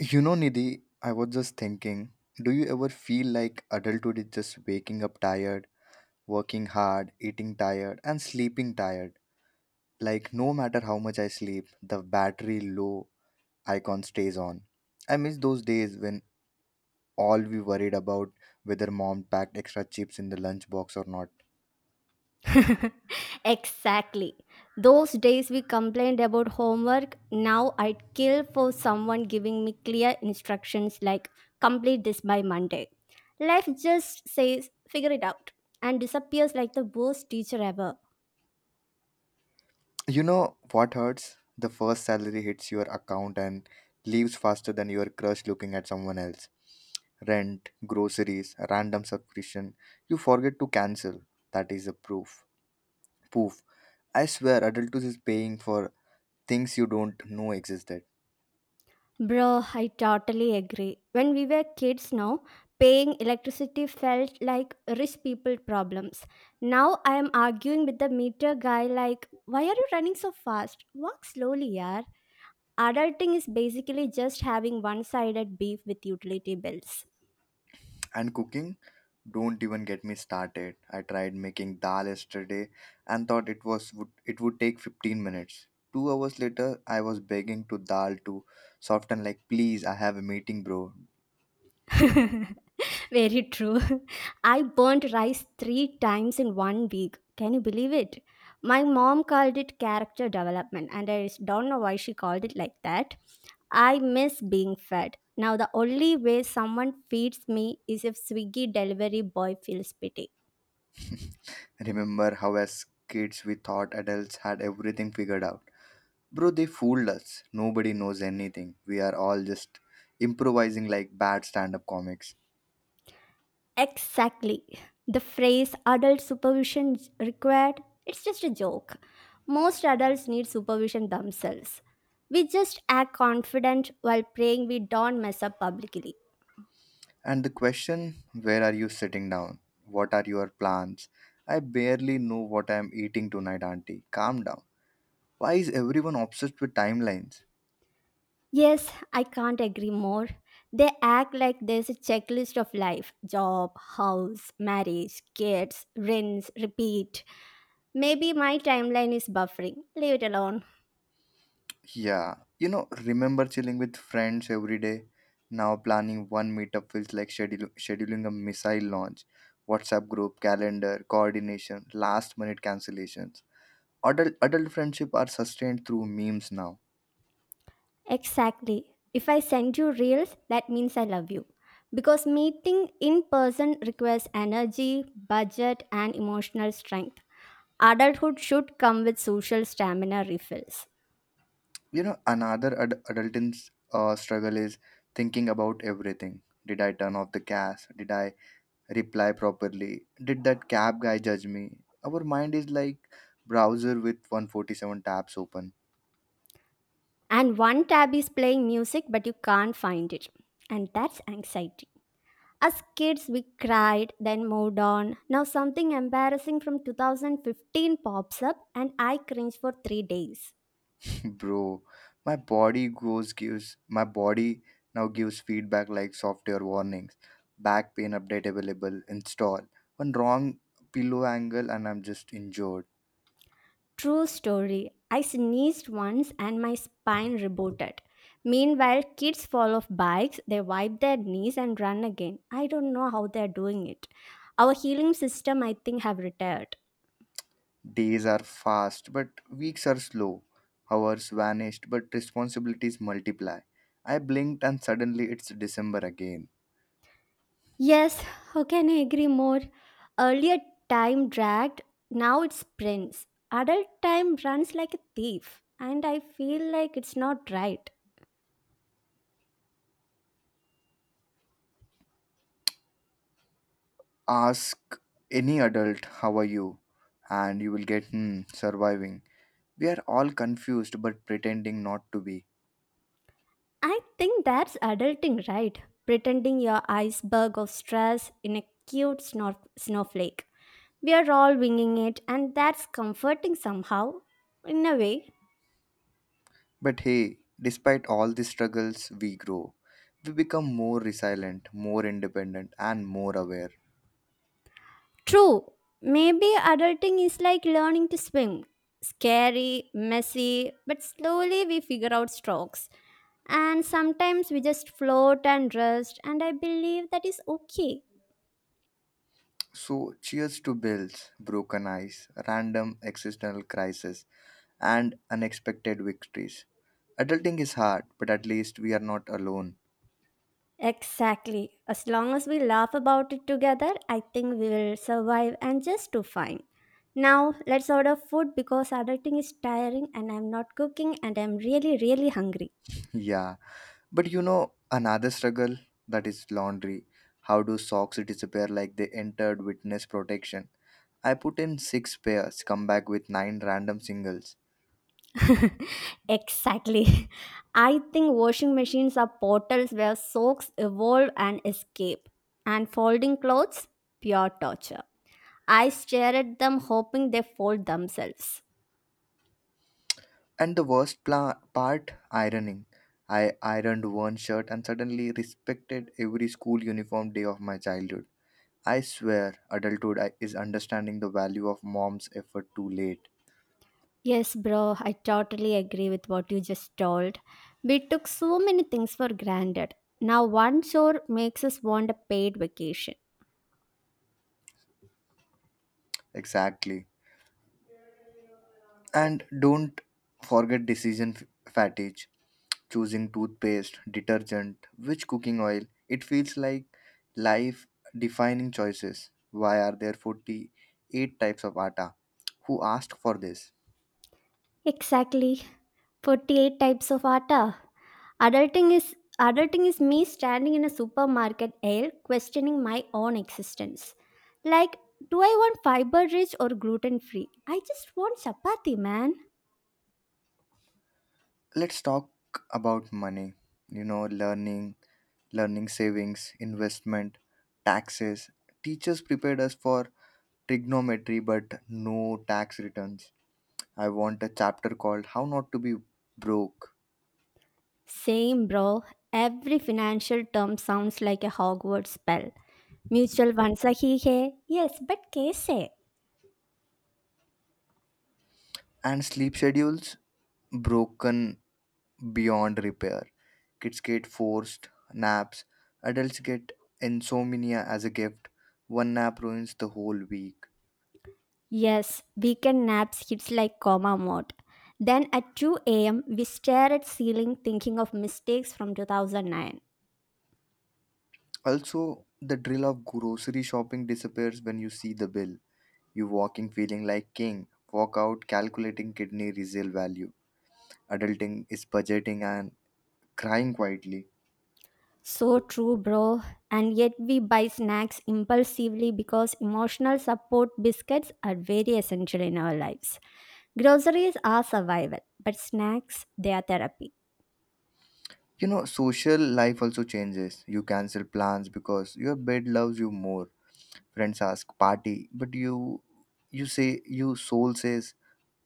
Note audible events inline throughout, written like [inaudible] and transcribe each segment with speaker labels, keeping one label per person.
Speaker 1: You know, Nidhi, I was just thinking, do you ever feel like adulthood is just waking up tired, working hard, eating tired, and sleeping tired? Like, no matter how much I sleep, the battery low icon stays on. I miss those days when all we worried about whether mom packed extra chips in the lunchbox or not.
Speaker 2: [laughs] Exactly. Those days we complained about homework. Now I'd kill for someone giving me clear instructions like complete this by Monday. Life just says figure it out and disappears like the worst teacher ever.
Speaker 1: You know what hurts? The first salary hits your account and leaves faster than your crush looking at someone else. Rent, groceries, a random subscription. You forget to cancel. That is a proof. Poof. I swear adulthood is paying for things you don't know existed.
Speaker 2: Bro, I totally agree. When we were kids now, paying electricity felt like rich people problems. Now I am arguing with the meter guy like why are you running so fast? Walk slowly, yaar. Adulting is basically just having one sided beef with utility bills.
Speaker 1: And cooking, don't even get me started. I tried making dal yesterday and thought it would take 15 minutes. 2 hours later, I was begging to dal to soften like, "Please, I have a meeting, bro."
Speaker 2: [laughs] Very true. [laughs] I burnt rice three times in one week. Can you believe it? My mom called it character development, and I don't know why she called it like that. I miss being fed. Now, the only way someone feeds me is if Swiggy delivery boy feels pity.
Speaker 1: Remember how as kids we thought adults had everything figured out. Bro, they fooled us. Nobody knows anything. We are all just improvising like bad stand-up comics.
Speaker 2: Exactly. The phrase adult supervision is required, it's just a joke. Most adults need supervision themselves. We just act confident while praying we don't mess up publicly.
Speaker 1: And the question, where are you sitting down? What are your plans? I barely know what I am eating tonight, Auntie. Calm down. Why is everyone obsessed with timelines?
Speaker 2: Yes, I can't agree more. They act like there's a checklist of life job, house, marriage, kids, rinse, repeat. Maybe my timeline is buffering. Leave it alone.
Speaker 1: Yeah, you know, remember chilling with friends every day? Now planning one meetup feels like scheduling a missile launch. WhatsApp group, calendar, coordination, last minute cancellations. Adult friendship are sustained through memes now.
Speaker 2: Exactly. If I send you reels, that means I love you. Because meeting in person requires energy, budget, and emotional strength. Adulthood should come with social stamina refills.
Speaker 1: You know, another adulting's struggle is thinking about everything. Did I turn off the gas? Did I reply properly? Did that cab guy judge me? Our mind is like browser with 147 tabs open.
Speaker 2: And one tab is playing music, but you can't find it. And that's anxiety. As kids, we cried, then moved on. Now, something embarrassing from 2015 pops up, and I cringe for 3 days.
Speaker 1: [laughs] Bro, my body now gives feedback like software warnings. Back pain update available. Install. One wrong pillow angle and I'm just injured.
Speaker 2: True story. I sneezed once and my spine rebooted. Meanwhile, kids fall off bikes, they wipe their knees and run again. I don't know how they're doing it. Our healing system, I think, have retired.
Speaker 1: Days are fast, but weeks are slow. Hours vanished, but responsibilities multiply. I blinked and suddenly it's December again.
Speaker 2: Yes, how can I agree more? Earlier time dragged, now it sprints. Adult time runs like a thief, and I feel like it's not right.
Speaker 1: Ask any adult, how are you? And you will get, hmm, surviving. We are all confused but pretending not to be.
Speaker 2: I think that's adulting, right? Pretending your iceberg of stress in a cute snowflake. We are all winging it, and that's comforting somehow, in a way.
Speaker 1: But hey, despite all the struggles, we grow. We become more resilient, more independent, and more aware.
Speaker 2: True, maybe adulting is like learning to swim scary, messy, but slowly we figure out strokes. And sometimes we just float and rest, and I believe that is okay.
Speaker 1: So, cheers to bills, broken eyes, random existential crisis and unexpected victories. Adulting is hard, but at least we are not alone.
Speaker 2: Exactly. As long as we laugh about it together, I think we will survive and just do fine. Now, let's order food because adulting is tiring and I'm not cooking and I'm really, really hungry.
Speaker 1: Yeah, but you know another struggle that is laundry. How do socks disappear like they entered witness protection? I put in six pairs, come back with nine random singles.
Speaker 2: [laughs] exactly. I think washing machines are portals where soaks evolve and escape. And folding clothes, pure torture. I stare at them hoping they fold themselves.
Speaker 1: And the worst part, ironing. I ironed one shirt and suddenly respected every school uniform day of my childhood. I swear, adulthood is understanding the value of mom's effort too late.
Speaker 2: Yes, bro, I totally agree with what you just told. We took so many things for granted. Now, one chore makes us want a paid vacation.
Speaker 1: Exactly. And don't forget decision fatigue. Choosing toothpaste, detergent, which cooking oil. It feels like life defining choices. Why are there 48 types of atta? Who asked for this?
Speaker 2: Exactly. 48 types of atta. Adulting is adulting is me standing in a supermarket aisle questioning my own existence. Like, do I want fiber rich or gluten free? I just want chapati, man.
Speaker 1: Let's talk about money. You know, learning savings, investment, taxes. Teachers prepared us for trigonometry but no tax returns. I want a chapter called how not to be broke
Speaker 2: Same, bro. Every financial term sounds like a Hogwarts spell. Mutual funds are he hey. Yes, but case eh.
Speaker 1: and sleep schedules broken beyond repair. Kids get forced naps, adults get insomnia as a gift. One nap ruins the whole week.
Speaker 2: Yes, weekend naps hits like coma mode. Then at 2 a.m. we stare at ceiling thinking of mistakes from 2009.
Speaker 1: Also, the drill of grocery shopping disappears when you see the bill. You walking feeling like king, walk out calculating kidney resale value. Adulting is budgeting and crying quietly.
Speaker 2: So true, bro. And yet we buy snacks impulsively because emotional support biscuits are very essential in our lives. Groceries are survival, but snacks, they are therapy.
Speaker 1: You know, social life also changes. You cancel plans because your bed loves you more. Friends ask party, but you soul says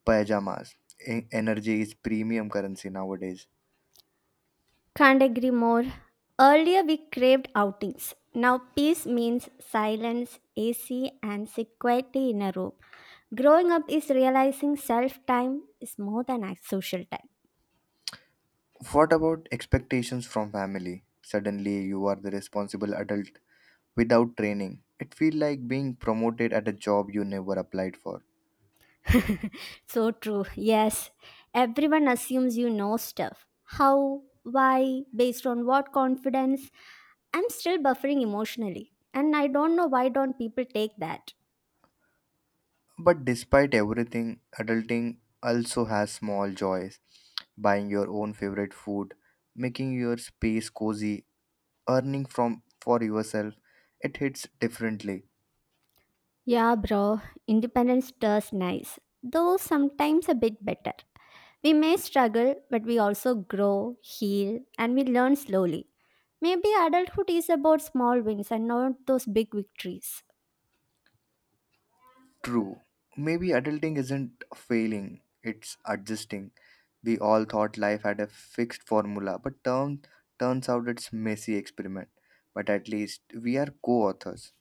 Speaker 1: pajamas. Energy is premium currency nowadays.
Speaker 2: Can't agree more. Earlier we craved outings. Now peace means silence, AC, and sit quietly in a room. Growing up is realizing self time is more than a social
Speaker 1: What about expectations from family? Suddenly you are the responsible adult without training. It feels like being promoted at a job you never applied for.
Speaker 2: time. [laughs] so true. Yes, everyone assumes you know stuff. How, why, based on what confidence. I'm still buffering emotionally. And I don't know why don't people take that.
Speaker 1: But despite everything, adulting also has small joys. Buying your own favorite food, making your space cozy, earning from for yourself, it hits differently.
Speaker 2: Yeah, bro. Independence does nice. Though sometimes a bit better. We may struggle, but we also grow, heal, and we learn slowly. Maybe adulthood is about small wins and not those big victories.
Speaker 1: True. Maybe adulting isn't failing, it's adjusting. We all thought life had a fixed formula, but turns out it's messy experiment. But at least we are co-authors.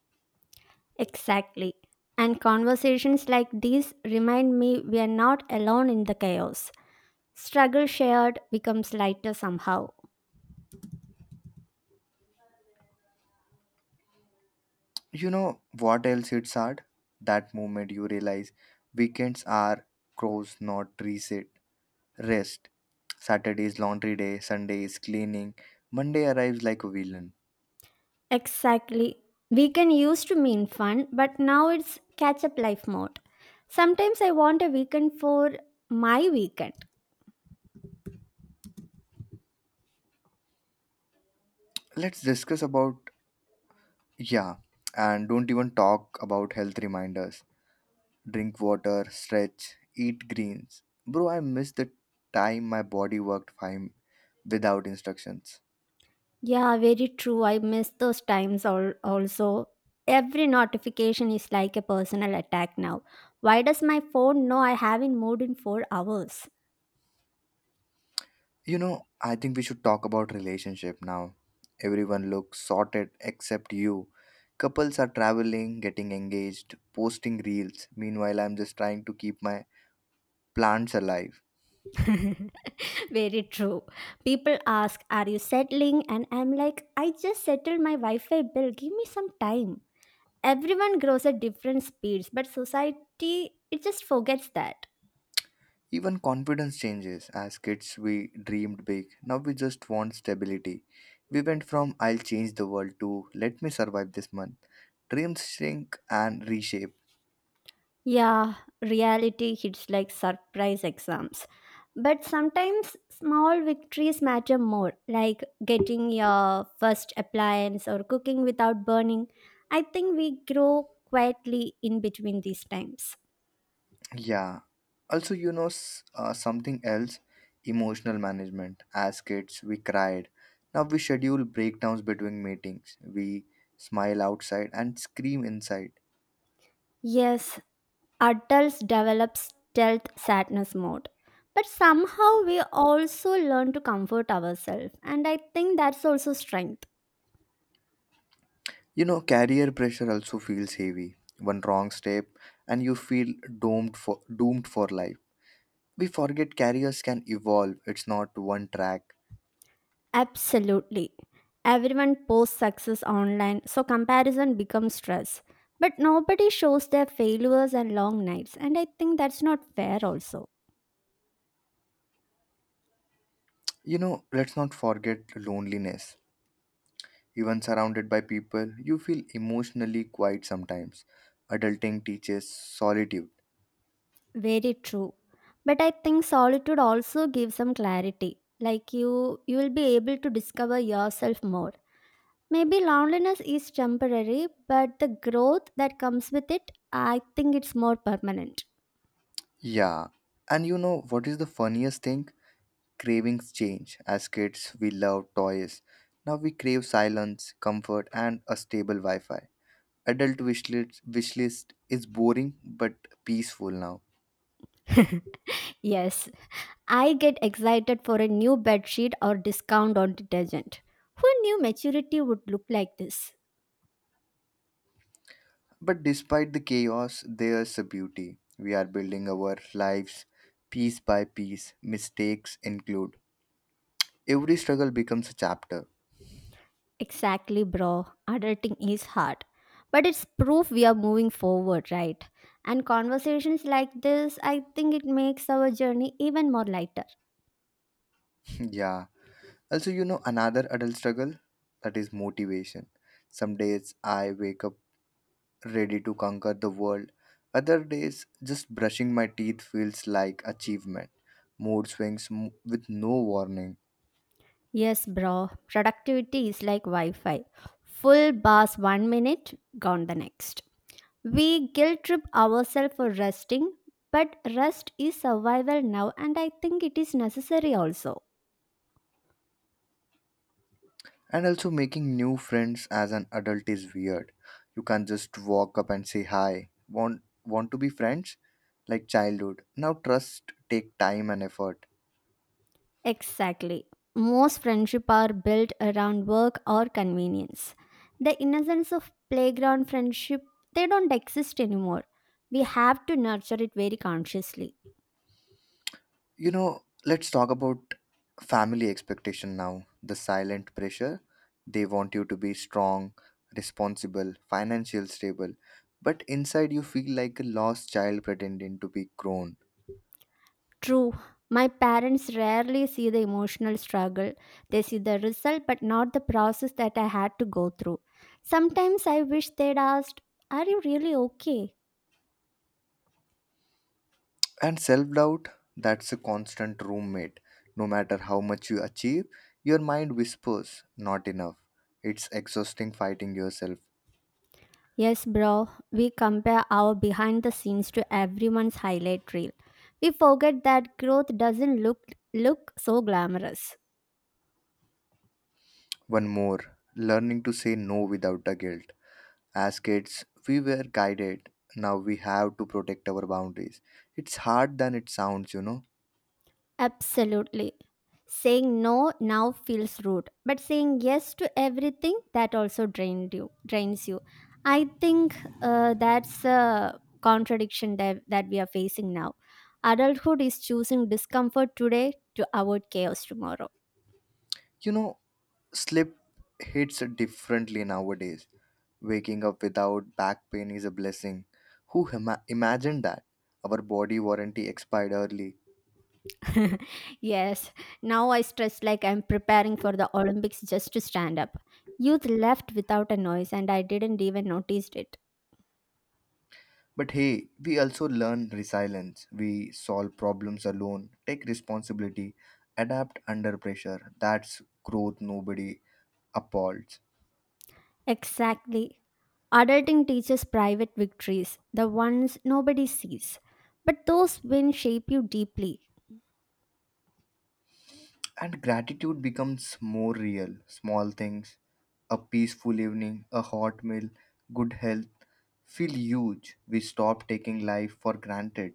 Speaker 2: Exactly. And conversations like these remind me we are not alone in the chaos. Struggle shared becomes lighter somehow.
Speaker 1: You know what else it's hard? That moment you realize weekends are crows not reset. Rest. Saturday is laundry day, Sunday is cleaning, Monday arrives like a villain.
Speaker 2: Exactly. Weekend used to mean fun, but now it's catch up life mode. Sometimes I want a weekend for my weekend.
Speaker 1: Let's discuss about yeah, and don't even talk about health reminders, drink water, stretch, eat greens. Bro, I miss the time my body worked fine without instructions.
Speaker 2: Yeah, very true. I miss those times also. Every notification is like a personal attack now. Why does my phone know I haven't moved in 4 hours?
Speaker 1: You know, I think we should talk about relationship now. Everyone looks sorted except you. Couples are traveling, getting engaged, posting reels. Meanwhile, I'm just trying to keep my plants alive.
Speaker 2: [laughs] very true. People ask, "Are you settling?" And I'm like, I just settled my Wi Fi bill. Give me some time. Everyone grows at different speeds, but society, it just forgets that.
Speaker 1: Even confidence changes. As kids, we dreamed big. Now we just want stability. We went from I'll change the world to let me survive this month. Dreams shrink and reshape.
Speaker 2: Yeah, reality hits like surprise exams. But sometimes small victories matter more, like getting your first appliance or cooking without burning. I think we grow quietly in between these times.
Speaker 1: Yeah. Also, you know, something else emotional management. As kids, we cried. Now we schedule breakdowns between meetings. We smile outside and scream inside.
Speaker 2: Yes, adults develop stealth sadness mode. But somehow we also learn to comfort ourselves, and I think that's also strength.
Speaker 1: You know, career pressure also feels heavy. One wrong step, and you feel doomed for life. We forget carriers can evolve. It's not one track.
Speaker 2: Absolutely. Everyone posts success online, so comparison becomes stress. But nobody shows their failures and long nights, and I think that's not fair, also.
Speaker 1: You know, let's not forget loneliness. Even surrounded by people, you feel emotionally quiet sometimes. Adulting teaches solitude.
Speaker 2: Very true. But I think solitude also gives some clarity. Like you will be able to discover yourself more. Maybe loneliness is temporary, but the growth that comes with it, I think it's more permanent.
Speaker 1: Yeah. And you know what is the funniest thing? Cravings change. As kids, we love toys. Now we crave silence, comfort, and a stable Wi Fi. Adult wish list is boring but peaceful now.
Speaker 2: Yes, I get excited for a new bed sheet or discount on detergent. Who knew maturity would look like this?
Speaker 1: But despite the chaos, there's a beauty. We are building our lives piece by piece. Mistakes include. Every struggle becomes a chapter.
Speaker 2: Exactly, bro. Adulting is hard. But it's proof we are moving forward, right? And conversations like this, I think it makes our journey even more lighter.
Speaker 1: [laughs] yeah. Also, you know, another adult struggle that is motivation. Some days I wake up ready to conquer the world. Other days, just brushing my teeth feels like achievement. Mood swings with no warning.
Speaker 2: Yes, bro. Productivity is like Wi Fi. Full bars one minute, gone the next. We guilt trip ourselves for resting, but rest is survival now, and I think it is necessary also.
Speaker 1: And also, making new friends as an adult is weird. You can't just walk up and say hi. Want want to be friends? Like childhood. Now trust take time and effort.
Speaker 2: Exactly. Most friendship are built around work or convenience. The innocence of playground friendship they don't exist anymore. We have to nurture it very consciously.
Speaker 1: You know, let's talk about family expectation now. The silent pressure. They want you to be strong, responsible, financial stable. But inside you feel like a lost child pretending to be grown.
Speaker 2: True. My parents rarely see the emotional struggle. They see the result, but not the process that I had to go through. Sometimes I wish they'd asked, "Are you really okay?"
Speaker 1: And self doubt, that's a constant roommate. No matter how much you achieve, your mind whispers, not enough. It's exhausting fighting yourself.
Speaker 2: Yes, bro. We compare our behind the scenes to everyone's highlight reel. We forget that growth doesn't look so glamorous.
Speaker 1: One more, learning to say no without the guilt. As kids, we were guided. Now we have to protect our boundaries. It's hard than it sounds, you know.
Speaker 2: Absolutely. Saying no now feels rude, but saying yes to everything that also drains you. I think that's a contradiction that we are facing now. Adulthood is choosing discomfort today to avoid chaos tomorrow.
Speaker 1: You know, sleep hits differently nowadays. Waking up without back pain is a blessing. Who imagined that? Our body warranty expired early.
Speaker 2: [laughs] yes, now I stress like I'm preparing for the Olympics just to stand up. Youth left without a noise, and I didn't even notice it.
Speaker 1: But hey, we also learn resilience. We solve problems alone, take responsibility, adapt under pressure. That's growth nobody applauds.
Speaker 2: Exactly. Adulting teaches private victories, the ones nobody sees. But those wins shape you deeply.
Speaker 1: And gratitude becomes more real. Small things, a peaceful evening, a hot meal, good health feel huge. We stop taking life for granted.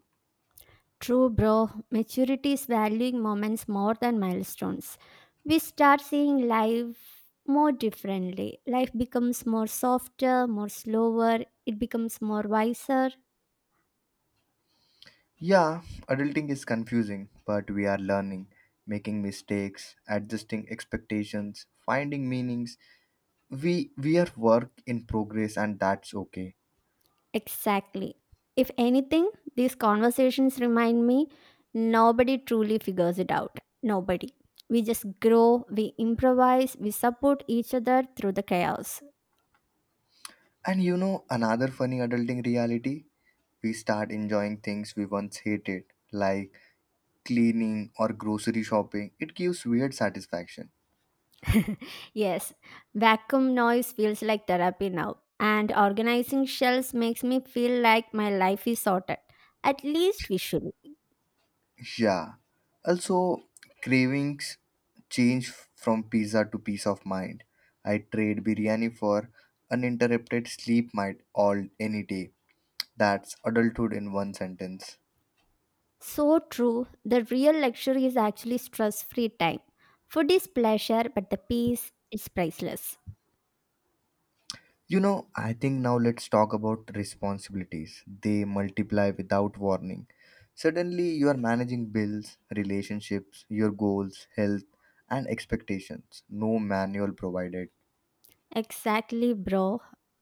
Speaker 2: True, bro, maturity is valuing moments more than milestones. We start seeing life more differently. Life becomes more softer, more slower, it becomes more wiser.
Speaker 1: Yeah, adulting is confusing, but we are learning, making mistakes, adjusting expectations, finding meanings. We are work in progress and that's okay.
Speaker 2: Exactly. If anything, these conversations remind me nobody truly figures it out. Nobody. We just grow, we improvise, we support each other through the chaos.
Speaker 1: And you know another funny adulting reality? We start enjoying things we once hated, like cleaning or grocery shopping, it gives weird satisfaction.
Speaker 2: [laughs] yes, vacuum noise feels like therapy now, and organizing shelves makes me feel like my life is sorted, at least visually.
Speaker 1: Yeah. Also, cravings change from pizza to peace of mind. I trade biryani for uninterrupted sleep might all any day. That's adulthood in one sentence.
Speaker 2: So true, the real luxury is actually stress free time. Food is pleasure, but the peace is priceless.
Speaker 1: You know, I think now let's talk about responsibilities. They multiply without warning. Suddenly, you are managing bills, relationships, your goals, health, and expectations. No manual provided.
Speaker 2: Exactly, bro.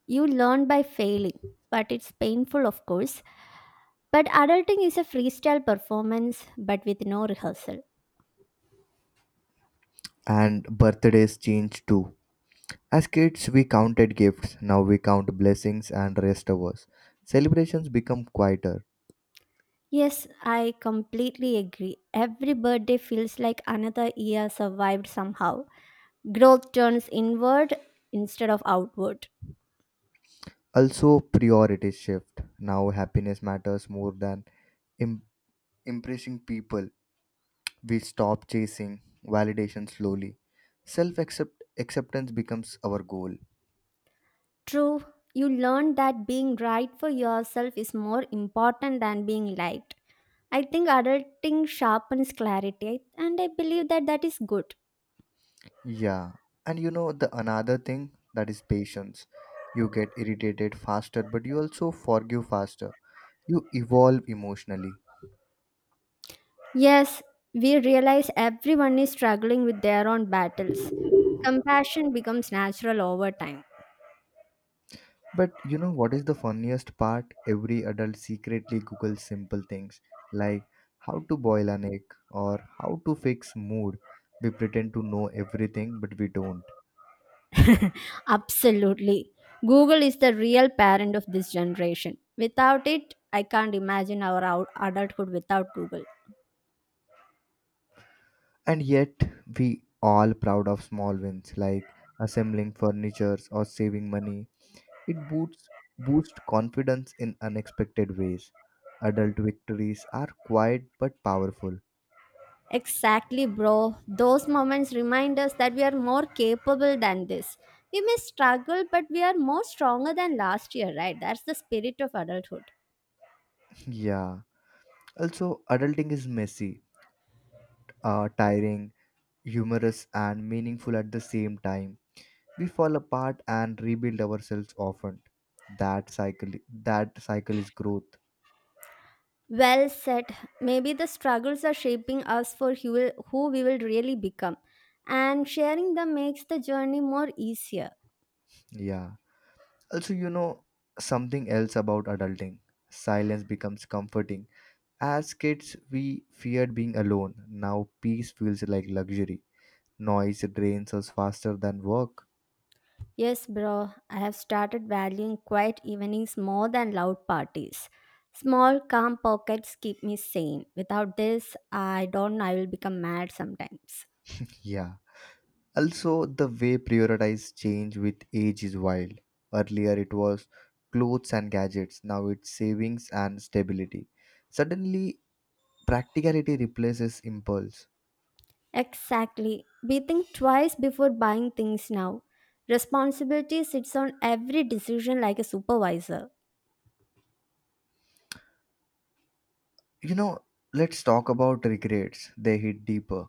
Speaker 2: You learn by failing, but it's painful, of course. But adulting is a freestyle performance, but with no rehearsal.
Speaker 1: And birthdays change too. As kids, we counted gifts, now we count blessings and rest hours. Celebrations become quieter.
Speaker 2: Yes, I completely agree. Every birthday feels like another year survived somehow. Growth turns inward instead of outward.
Speaker 1: Also, priorities shift. Now, happiness matters more than im- impressing people. We stop chasing validation slowly. Self acceptance becomes our goal.
Speaker 2: True, you learn that being right for yourself is more important than being liked. I think adulting sharpens clarity, and I believe that that is good.
Speaker 1: Yeah, and you know the another thing that is patience. You get irritated faster, but you also forgive faster. You evolve emotionally.
Speaker 2: Yes, we realize everyone is struggling with their own battles. Compassion becomes natural over time.
Speaker 1: But you know what is the funniest part? Every adult secretly googles simple things like how to boil an egg or how to fix mood. We pretend to know everything, but we don't.
Speaker 2: Absolutely. Google is the real parent of this generation. Without it, I can't imagine our adulthood without Google.
Speaker 1: And yet, we all proud of small wins like assembling furniture or saving money. It boosts confidence in unexpected ways. Adult victories are quiet but powerful.
Speaker 2: Exactly, bro. Those moments remind us that we are more capable than this. We may struggle, but we are more stronger than last year, right? That's the spirit of adulthood.
Speaker 1: [laughs] Yeah. Also, adulting is messy, tiring, humorous and meaningful at the same time. We fall apart and rebuild ourselves often. That cycle that cycle is growth.
Speaker 2: Well said. Maybe the struggles are shaping us for who we will really become. And sharing them makes the journey more easier.
Speaker 1: Yeah. Also, you know something else about adulting. Silence becomes comforting. As kids, we feared being alone. Now peace feels like luxury. Noise drains us faster than work.
Speaker 2: Yes, bro, I have started valuing quiet evenings more than loud parties. Small, calm pockets keep me sane. Without this, I don't know, I will become mad sometimes.
Speaker 1: Yeah. Also, the way prioritize change with age is wild. Earlier, it was clothes and gadgets, now, it's savings and stability. Suddenly, practicality replaces impulse.
Speaker 2: Exactly. We think twice before buying things now. Responsibility sits on every decision like a supervisor.
Speaker 1: You know, let's talk about regrets, they hit deeper.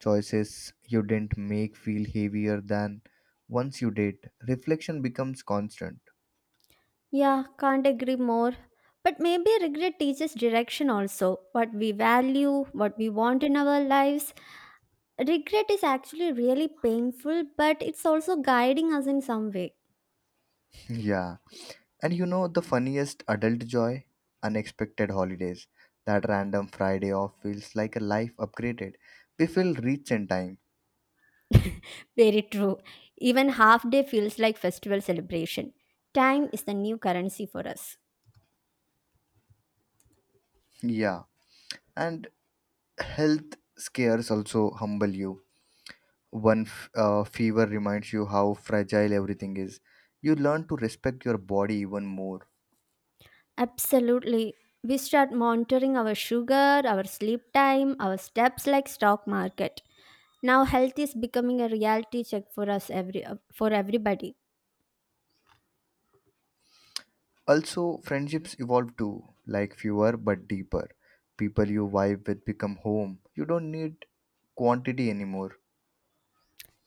Speaker 1: Choices you didn't make feel heavier than once you did. Reflection becomes constant.
Speaker 2: Yeah, can't agree more. But maybe regret teaches direction also. What we value, what we want in our lives. Regret is actually really painful, but it's also guiding us in some way.
Speaker 1: Yeah. And you know the funniest adult joy? Unexpected holidays. That random Friday off feels like a life upgraded. We feel rich in time.
Speaker 2: Very true. Even half day feels like festival celebration. Time is the new currency for us.
Speaker 1: Yeah. And health scares also humble you. One fever reminds you how fragile everything is. You learn to respect your body even more.
Speaker 2: Absolutely. We start monitoring our sugar, our sleep time, our steps like stock market. Now health is becoming a reality check for us every for everybody.
Speaker 1: Also, friendships evolve too, like fewer but deeper. People you vibe with become home. You don't need quantity anymore.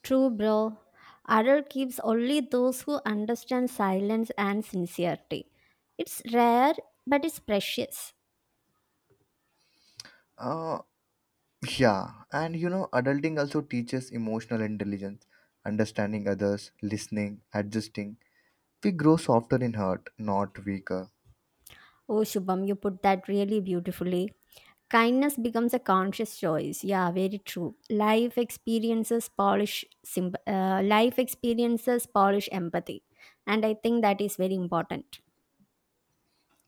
Speaker 2: True, bro. Adult keeps only those who understand silence and sincerity. It's rare, but it's precious.
Speaker 1: Uh, Yeah and you know, adulting also teaches emotional intelligence, understanding others, listening, adjusting. We grow softer in heart, not weaker.
Speaker 2: Oh, Shubham, you put that really beautifully. Kindness becomes a conscious choice. Yeah, very true. Life life experiences polish empathy, and I think that is very important.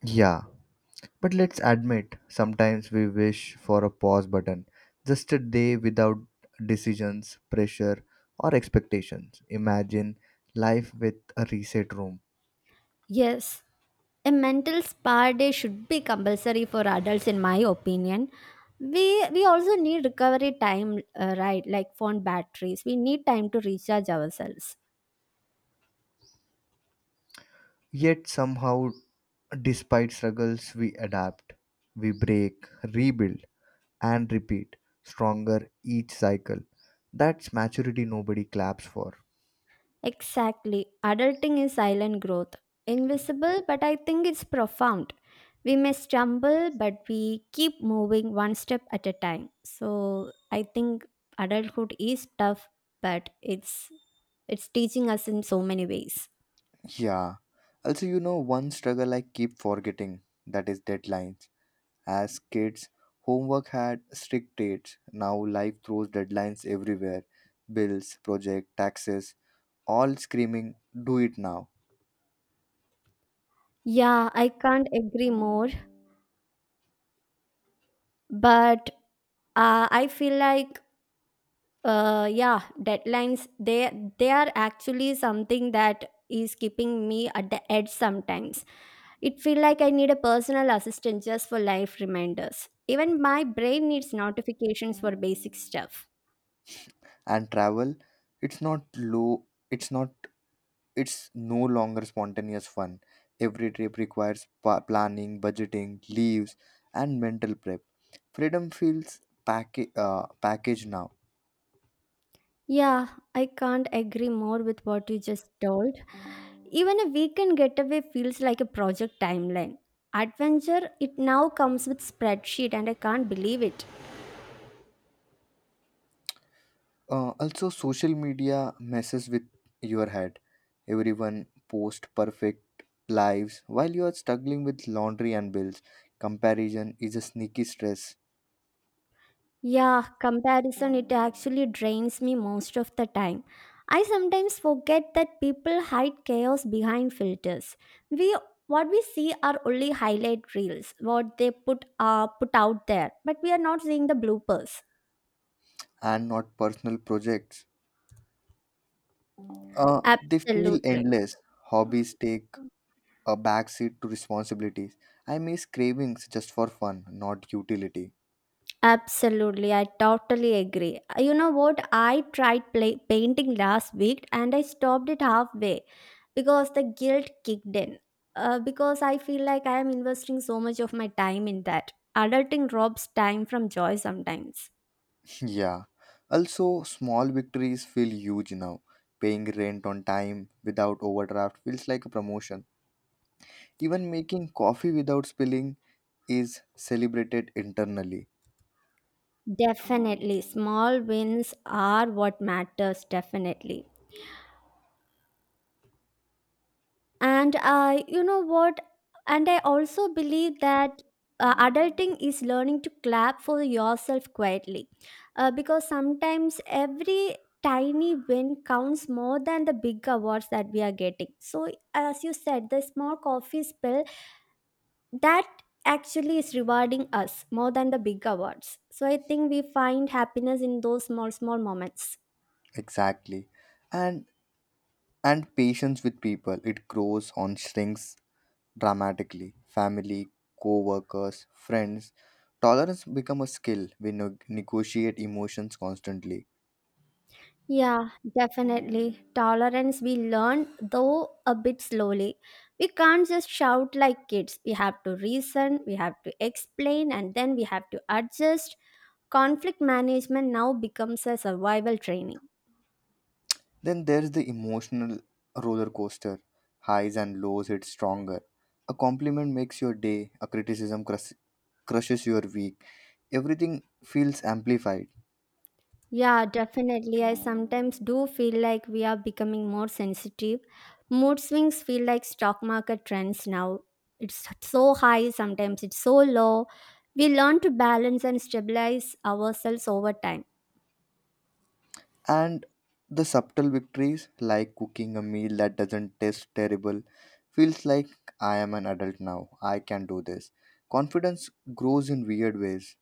Speaker 1: Yeah, but let's admit, sometimes we wish for a pause button, just a day without decisions, pressure, or expectations. Imagine life with a reset room.
Speaker 2: Yes, a mental spa day should be compulsory for adults, in my opinion. We we also need recovery time, right? Like phone batteries, we need time to recharge ourselves.
Speaker 1: Yet somehow, despite struggles, we adapt, we break, rebuild. And repeat, stronger each cycle. That's maturity nobody claps for.
Speaker 2: Exactly, adulting is silent growth, invisible, but I think it's profound. We may stumble, but we keep moving one step at a time. So I think adulthood is tough, but it's teaching us in so many ways.
Speaker 1: Yeah. Also, you know, one struggle I keep forgetting that is deadlines. As kids, homework had strict dates. Now, life throws deadlines everywhere, bills, project, taxes, all screaming, do it now.
Speaker 2: Yeah, I can't agree more. But I feel like yeah, deadlines they are actually something that is keeping me at the edge sometimes. It feel like I need a personal assistant just for life reminders. Even my brain needs notifications for basic stuff.
Speaker 1: And travel, it's not low, it's not It's no longer spontaneous fun. Every trip requires planning, budgeting, leaves, and mental prep. Freedom feels packaged now.
Speaker 2: Yeah, I can't agree more with what you just told. Even a weekend getaway feels like a project timeline. Adventure it now comes with spreadsheet, and I can't believe it.
Speaker 1: Also, social media messes with your head. Everyone posts perfect lives while you are struggling with laundry and bills. Comparison is a sneaky stress
Speaker 2: Yeah, comparison, it actually drains me most of the time. I sometimes forget that people hide chaos behind filters. We what we see are only highlight reels, what they put out there, but we are not seeing the bloopers.
Speaker 1: and not personal projects. They feel
Speaker 2: Absolutely.
Speaker 1: endless. Hobbies take a backseat to responsibilities. I miss cravings just for fun, not utility.
Speaker 2: Absolutely, I totally agree. You know what? I tried painting last week and I stopped it halfway because the guilt kicked in. Because I feel like I am investing so much of my time in that. Adulting robs time from joy sometimes.
Speaker 1: [laughs] yeah. Also, small victories feel huge now. Paying rent on time without overdraft feels like a promotion. Even making coffee without spilling is celebrated internally.
Speaker 2: Definitely, small wins are what matters, definitely. And you know what, and I also believe that adulting is learning to clap for yourself quietly, because sometimes every tiny win counts more than the big awards that we are getting. So as you said, the small coffee spill that actually is rewarding us more than the big awards. So I think we find happiness in those small moments.
Speaker 1: Exactly. And and patience with people. It grows on shrinks dramatically. Family, co-workers, friends. Tolerance become a skill. We negotiate emotions constantly.
Speaker 2: Yeah, definitely. Tolerance we learn, though a bit slowly. We can't just shout like kids. We have to reason, we have to explain, and then we have to adjust. Conflict management now becomes a survival training.
Speaker 1: Then there's the emotional roller coaster. Highs and lows hit stronger. A compliment makes your day, a criticism crushes your week. Everything feels amplified.
Speaker 2: Yeah, definitely. I sometimes do feel like we are becoming more sensitive. Mood swings feel like stock market trends now. It's so high, sometimes it's so low. We learn to balance and stabilize ourselves over time.
Speaker 1: And the subtle victories, like cooking a meal that doesn't taste terrible, feels like I am an adult now. I can do this. Confidence grows in weird ways.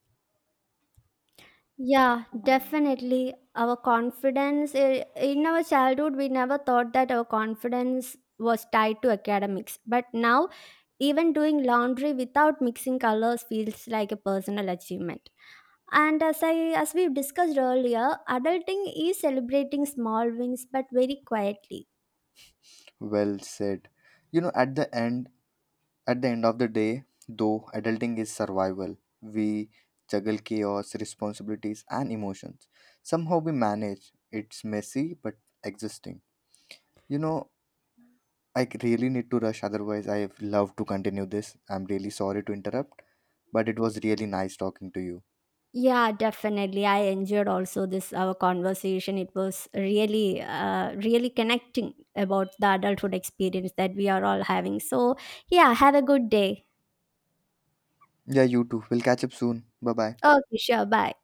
Speaker 2: Yeah, definitely. Our confidence in our childhood, we never thought that our confidence was tied to academics. But now, even doing laundry without mixing colors feels like a personal achievement. And as I as we discussed earlier, adulting is celebrating small wins but very quietly.
Speaker 1: Well said. You know, at the end of the day, though, adulting is survival. We juggle chaos, responsibilities, and emotions. Somehow we manage. It's messy but existing. You know, I really need to rush, otherwise, I love to continue this. I'm really sorry to interrupt. But it was really nice talking to you.
Speaker 2: Yeah, definitely. I enjoyed also this our conversation. It was really, really connecting about the adulthood experience that we are all having. So, yeah, have a good day.
Speaker 1: Yeah, you too. We'll catch up soon. Bye bye.
Speaker 2: Okay, sure. Bye.